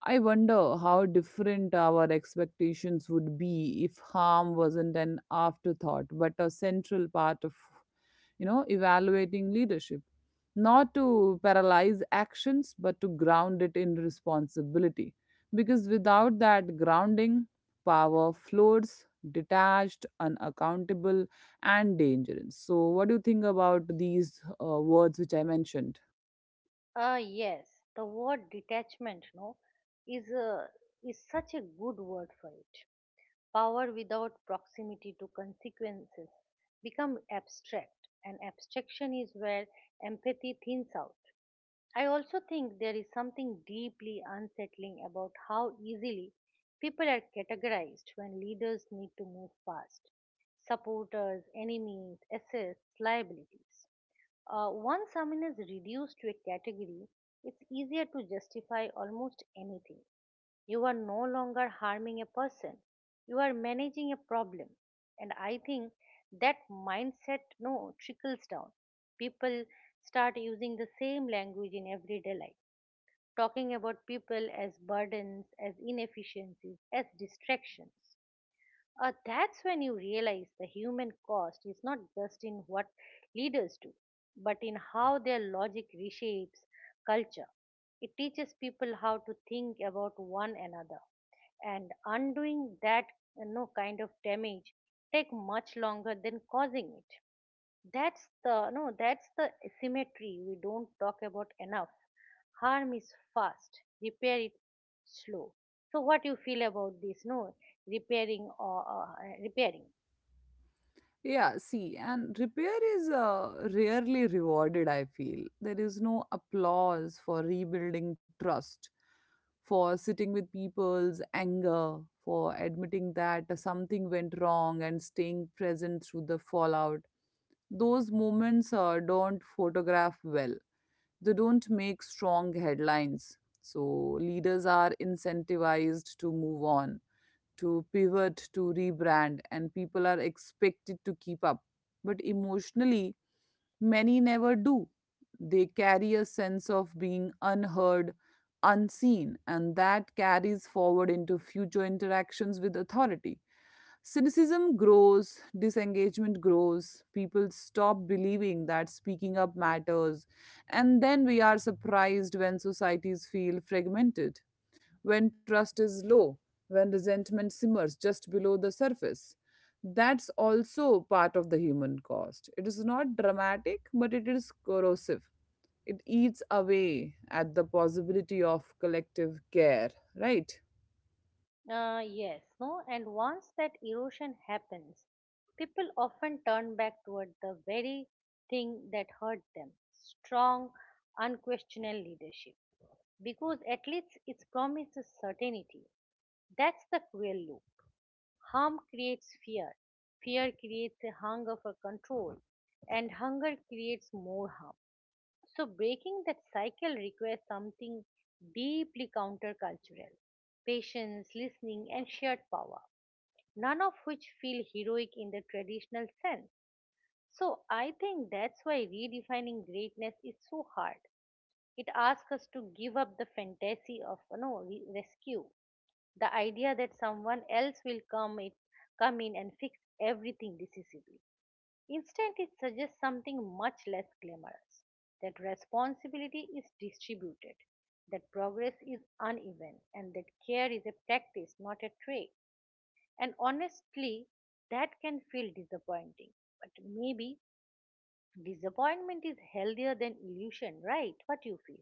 I wonder how different our expectations would be if harm wasn't an afterthought but a central part of, you know, evaluating leadership, not to paralyze actions but to ground it in responsibility, because without that grounding, power floats, detached, unaccountable, and dangerous. So what do you think about these, uh, words which I mentioned?
Uh, yes, the word detachment, no, is a is such a good word for it. Power without proximity to consequences become abstract and abstraction is where empathy thins out. I also think there is something deeply unsettling about how easily people are categorized when leaders need to move fast. Supporters, enemies, assets, liabilities. Uh, once someone is reduced to a category, it's easier to justify almost anything. You are no longer harming a person, you are managing a problem. And I think that mindset no trickles down. People start using the same language in everyday life, talking about people as burdens, as inefficiencies, as distractions. Uh, that's when you realize the human cost is not just in what leaders do, but in how their logic reshapes culture. It teaches people how to think about one another, and undoing that you know, kind of damage take much longer than causing it. That's the no, that's the symmetry we don't talk about enough. Harm is fast, repair is slow. So what you feel about this? No, repairing or uh, repairing.
Yeah, see, and repair is, uh, rarely rewarded, I feel. There is no applause for rebuilding trust, for sitting with people's anger, for admitting that something went wrong and staying present through the fallout. Those moments, uh, don't photograph well, they don't make strong headlines. So, leaders are incentivized to move on, to pivot, to rebrand, and people are expected to keep up. But emotionally, many never do. They carry a sense of being unheard, unseen, and that carries forward into future interactions with authority. Cynicism grows, disengagement grows, people stop believing that speaking up matters, and then we are surprised when societies feel fragmented, when trust is low, when resentment simmers just below the surface. That's also part of the human cost. It is not dramatic, but it is corrosive. It eats away at the possibility of collective care, right?
Uh, yes, no, and once that erosion happens, people often turn back toward the very thing that hurt them: strong, unquestionable leadership, because at least it promises certainty. That's the cruel loop. Harm creates fear, fear creates a hunger for control, and hunger creates more harm. So, breaking that cycle requires something deeply countercultural: patience, listening, and shared power, none of which feel heroic in the traditional sense. So, I think that's why redefining greatness is so hard. It asks us to give up the fantasy of you know, re- rescue the idea that someone else will come it come in and fix everything decisively. Instead, it suggests something much less glamorous: that responsibility is distributed, that progress is uneven, and that care is a practice, not a trait. And honestly, that can feel disappointing. But maybe disappointment is healthier than illusion, right? What do you feel?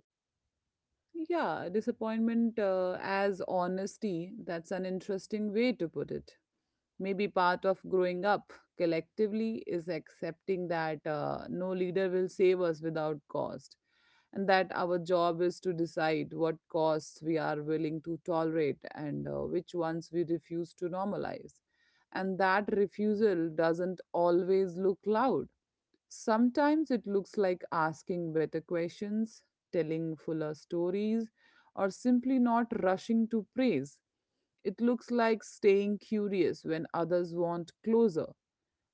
Yeah, disappointment, uh, as honesty, that's an interesting way to put it. Maybe part of growing up collectively is accepting that, uh, no leader will save us without cost, and that our job is to decide what costs we are willing to tolerate, and, uh, which ones we refuse to normalize, and that refusal doesn't always look loud. Sometimes it looks like asking better questions, telling fuller stories, or simply not rushing to praise. It looks like staying curious when others want closer.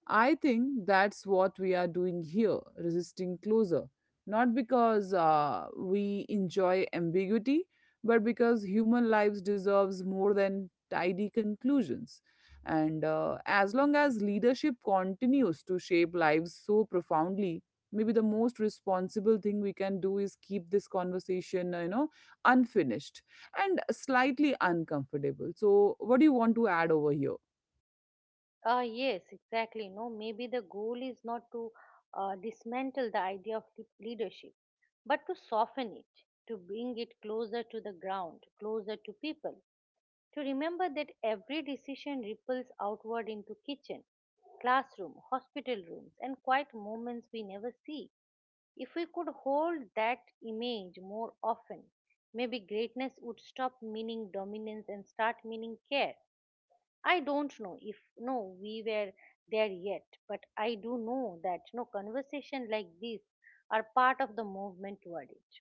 I think that's what we are doing here, resisting closer. Not because, uh, we enjoy ambiguity, but because human lives deserves more than tidy conclusions. And, uh, as long as leadership continues to shape lives so profoundly, maybe the most responsible thing we can do is keep this conversation, uh, you know, unfinished and slightly uncomfortable. So, what do you want to add over here?
Uh, yes, exactly. No, maybe the goal is not to uh, dismantle the idea of le- leadership, but to soften it, to bring it closer to the ground, closer to people, to remember that every decision ripples outward into kitchen, classroom, hospital rooms, and quiet moments we never see. If we could hold that image more often, maybe greatness would stop meaning dominance and start meaning care. I don't know if no we were there yet, but I do know that no conversation like this are part of the movement toward it.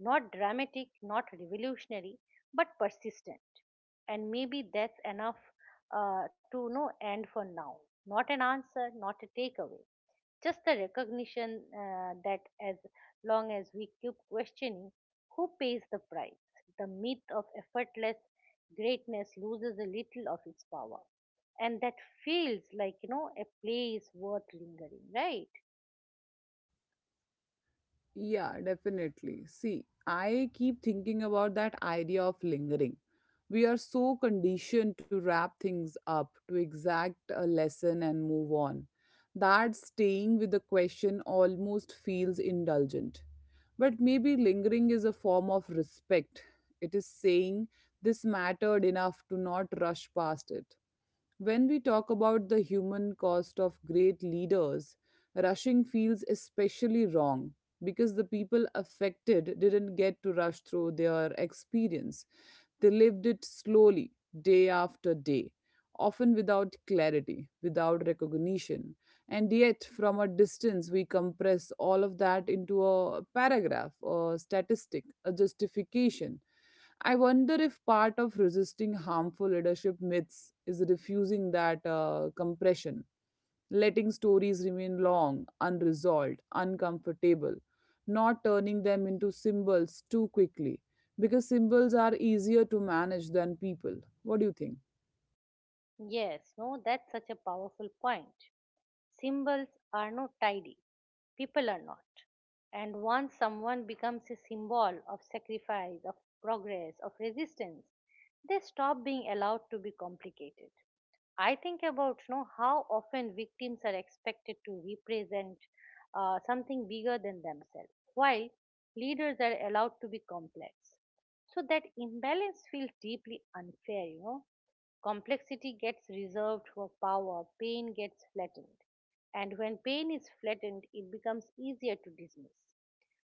Not dramatic, not revolutionary, but persistent. And maybe that's enough uh, to know end for now. Not an answer, not a takeaway, just the recognition uh, that as long as we keep questioning who pays the price, the myth of effortless greatness loses a little of its power. And that feels like, you know, a place worth lingering, right?
Yeah, definitely. See, I keep thinking about that idea of lingering. We are so conditioned to wrap things up, to exact a lesson and move on, that staying with the question almost feels indulgent. But maybe lingering is a form of respect. It is saying, this mattered enough to not rush past it. When we talk about the human cost of great leaders, rushing feels especially wrong because the people affected didn't get to rush through their experience. They lived it slowly, day after day, often without clarity, without recognition. And yet, from a distance, we compress all of that into a paragraph, a statistic, a justification. I wonder if part of resisting harmful leadership myths is refusing that, uh, compression, letting stories remain long, unresolved, uncomfortable, not turning them into symbols too quickly, because symbols are easier to manage than people. What do you think?
Yes, no, that's such a powerful point. Symbols are not tidy. People are not. And once someone becomes a symbol of sacrifice, of progress, of resistance, they stop being allowed to be complicated. I think about you know, how often victims are expected to represent uh, something bigger than themselves, while leaders are allowed to be complex. So that imbalance feels deeply unfair, you know. Complexity gets reserved for power, pain gets flattened. And when pain is flattened, it becomes easier to dismiss.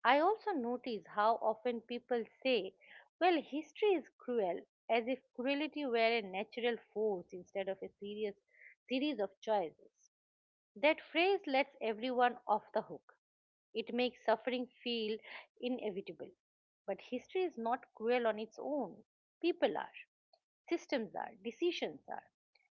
I also notice how often people say, well, history is cruel, as if cruelty were a natural force instead of a serious series of choices. That phrase lets everyone off the hook. It makes suffering feel inevitable. But history is not cruel on its own. People are, systems are, decisions are.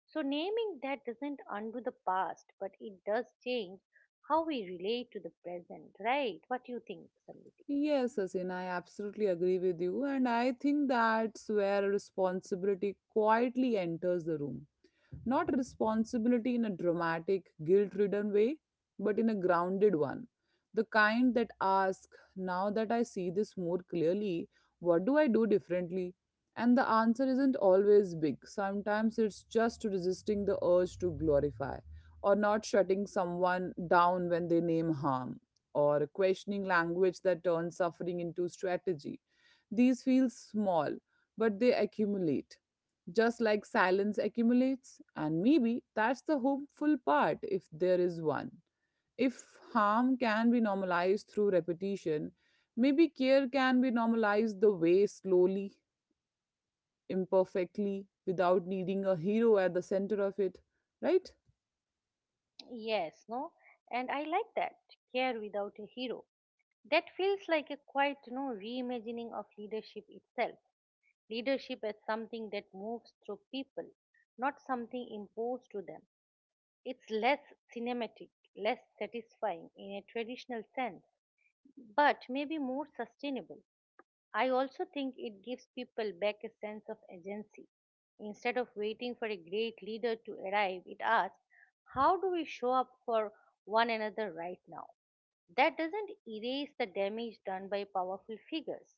So, naming that doesn't undo the past, but it does change how we relate to the present, right? What do you think, Samriti?
Yes, Asin, I absolutely agree with you, and I think that's where responsibility quietly enters the room. Not responsibility in a dramatic, guilt ridden way, but in a grounded one. The kind that asks, now that I see this more clearly, what do I do differently? And the answer isn't always big. Sometimes it's just resisting the urge to glorify, or not shutting someone down when they name harm, or questioning language that turns suffering into strategy. These feel small, but they accumulate, just like silence accumulates. And maybe that's the hopeful part, if there is one. If harm can be normalized through repetition, maybe care can be normalized the way, slowly, imperfectly, without needing a hero at the center of it, right?
Yes, no? And I like that. Care without a hero. That feels like a quite, you know, reimagining of leadership itself. Leadership as something that moves through people, not something imposed to them. It's less cinematic, less satisfying in a traditional sense, but maybe more sustainable. I also think it gives people back a sense of agency. Instead of waiting for a great leader to arrive, it asks, how do we show up for one another right now? That doesn't erase the damage done by powerful figures,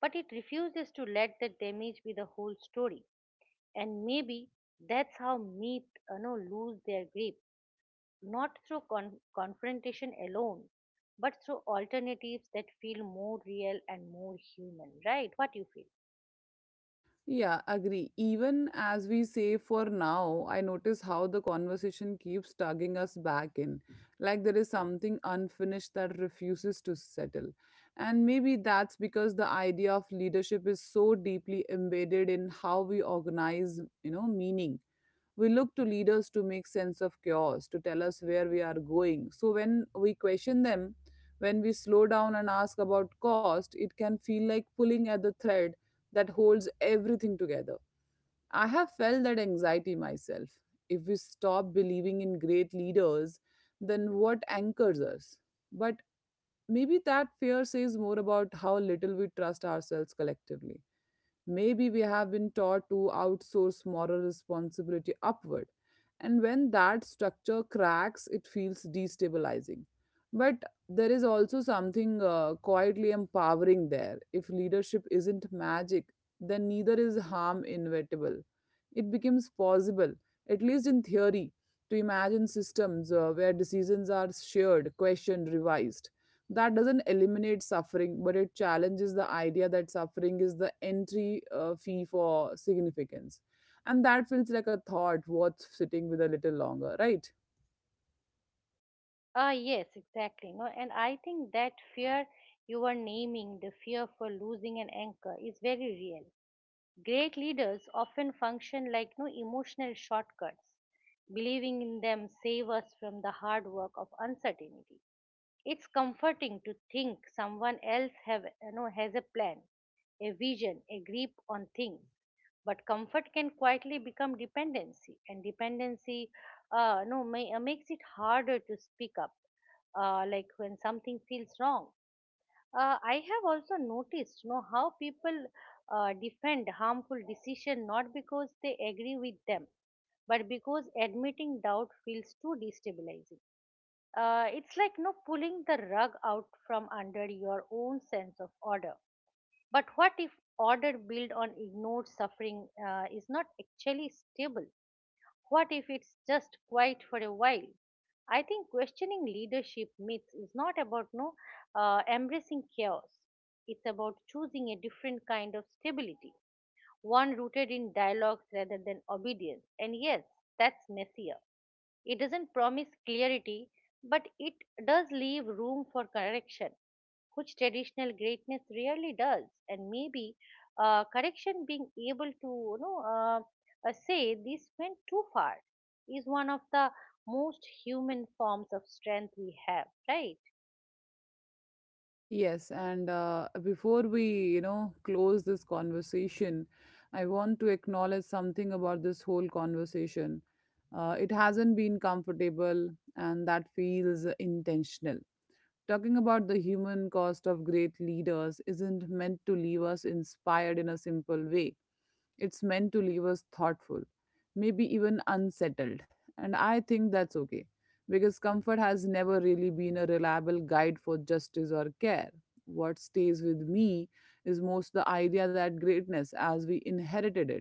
but it refuses to let the damage be the whole story. And maybe that's how myths you know, lose their grip, not through con- confrontation alone, but through alternatives that feel more real and more human, right? What do you feel?
Yeah, agree. Even as we say for now, I notice how the conversation keeps tugging us back in. Like there is something unfinished that refuses to settle. And maybe that's because the idea of leadership is so deeply embedded in how we organize, you know, meaning. We look to leaders to make sense of chaos, to tell us where we are going. So when we question them, when we slow down and ask about cost, it can feel like pulling at the thread that holds everything together. I have felt that anxiety myself. If we stop believing in great leaders, then what anchors us? But maybe that fear says more about how little we trust ourselves collectively. Maybe we have been taught to outsource moral responsibility upward. And when that structure cracks, it feels destabilizing. But there is also something, uh, quietly empowering there. If leadership isn't magic, then neither is harm inevitable. It becomes possible, at least in theory, to imagine systems, uh, where decisions are shared, questioned, revised. That doesn't eliminate suffering, but it challenges the idea that suffering is the entry, uh, fee for significance, and that feels like a thought worth sitting with a little longer, right?
Ah, yes, exactly. No, and I think that fear you are naming, the fear for losing an anchor, is very real. Great leaders often function like no emotional shortcuts. Believing in them save us from the hard work of uncertainty. It's comforting to think someone else have you know has a plan, a vision, a grip on things. But comfort can quietly become dependency, and dependency uh, no may, uh, makes it harder to speak up. Uh, like when something feels wrong, uh, I have also noticed, you know, how people uh, defend harmful decision not because they agree with them, but because admitting doubt feels too destabilizing. Uh, it's like no pulling the rug out from under your own sense of order. But what if order built on ignored suffering uh, is not actually stable? What if it's just quiet for a while? I think questioning leadership myths is not about no uh, embracing chaos. It's about choosing a different kind of stability, one rooted in dialogues rather than obedience. And yes, that's messier. It doesn't promise clarity, but it does leave room for correction, which traditional greatness rarely does. And maybe uh, correction, being able to you know uh, uh, say this went too far, is one of the most human forms of strength we have, right?
Yes, and, uh, before we, you know, close this conversation, I want to acknowledge something about this whole conversation. Uh, it hasn't been comfortable, and that feels intentional. Talking about the human cost of great leaders isn't meant to leave us inspired in a simple way. It's meant to leave us thoughtful, maybe even unsettled. And I think that's okay, because comfort has never really been a reliable guide for justice or care. What stays with me is most the idea that greatness, as we inherited it,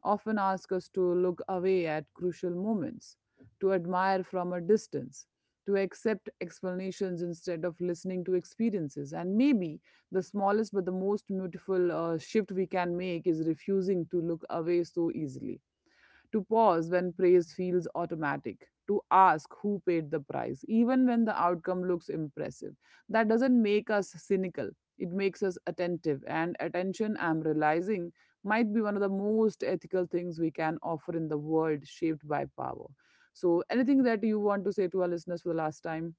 often asks us to look away at crucial moments, to admire from a distance, to accept explanations instead of listening to experiences. And maybe the smallest but the most beautiful, uh, shift we can make is refusing to look away so easily, to pause when praise feels automatic, to ask who paid the price, even when the outcome looks impressive. That doesn't make us cynical, it makes us attentive. And attention, I'm realizing, might be one of the most ethical things we can offer in the world shaped by power. So, anything that you want to say to our listeners for the last time?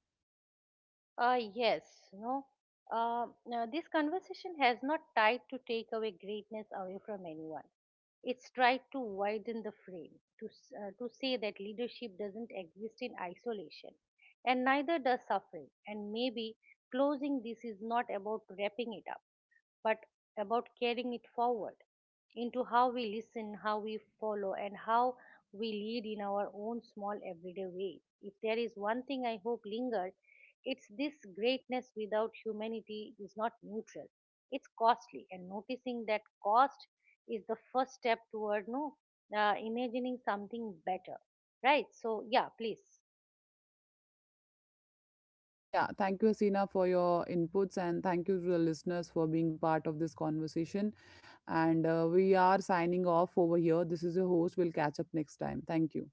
Uh, yes, you know, uh, now this conversation has not tried to take away greatness away from anyone. It's tried to widen the frame, to, s- uh, to say that leadership doesn't exist in isolation, and neither does suffering. And maybe closing this is not about wrapping it up but about carrying it forward into how we listen, how we follow, and how we lead in our own small everyday way. If there is one thing I hope lingered, it's this: greatness without humanity is not neutral. It's costly, and noticing that cost is the first step toward no uh, imagining something better. Right? So yeah, please.
Yeah, thank you, Asina, for your inputs, and thank you to the listeners for being part of this conversation. And, uh, we are signing off over here. This is your host. We'll catch up next time. Thank you.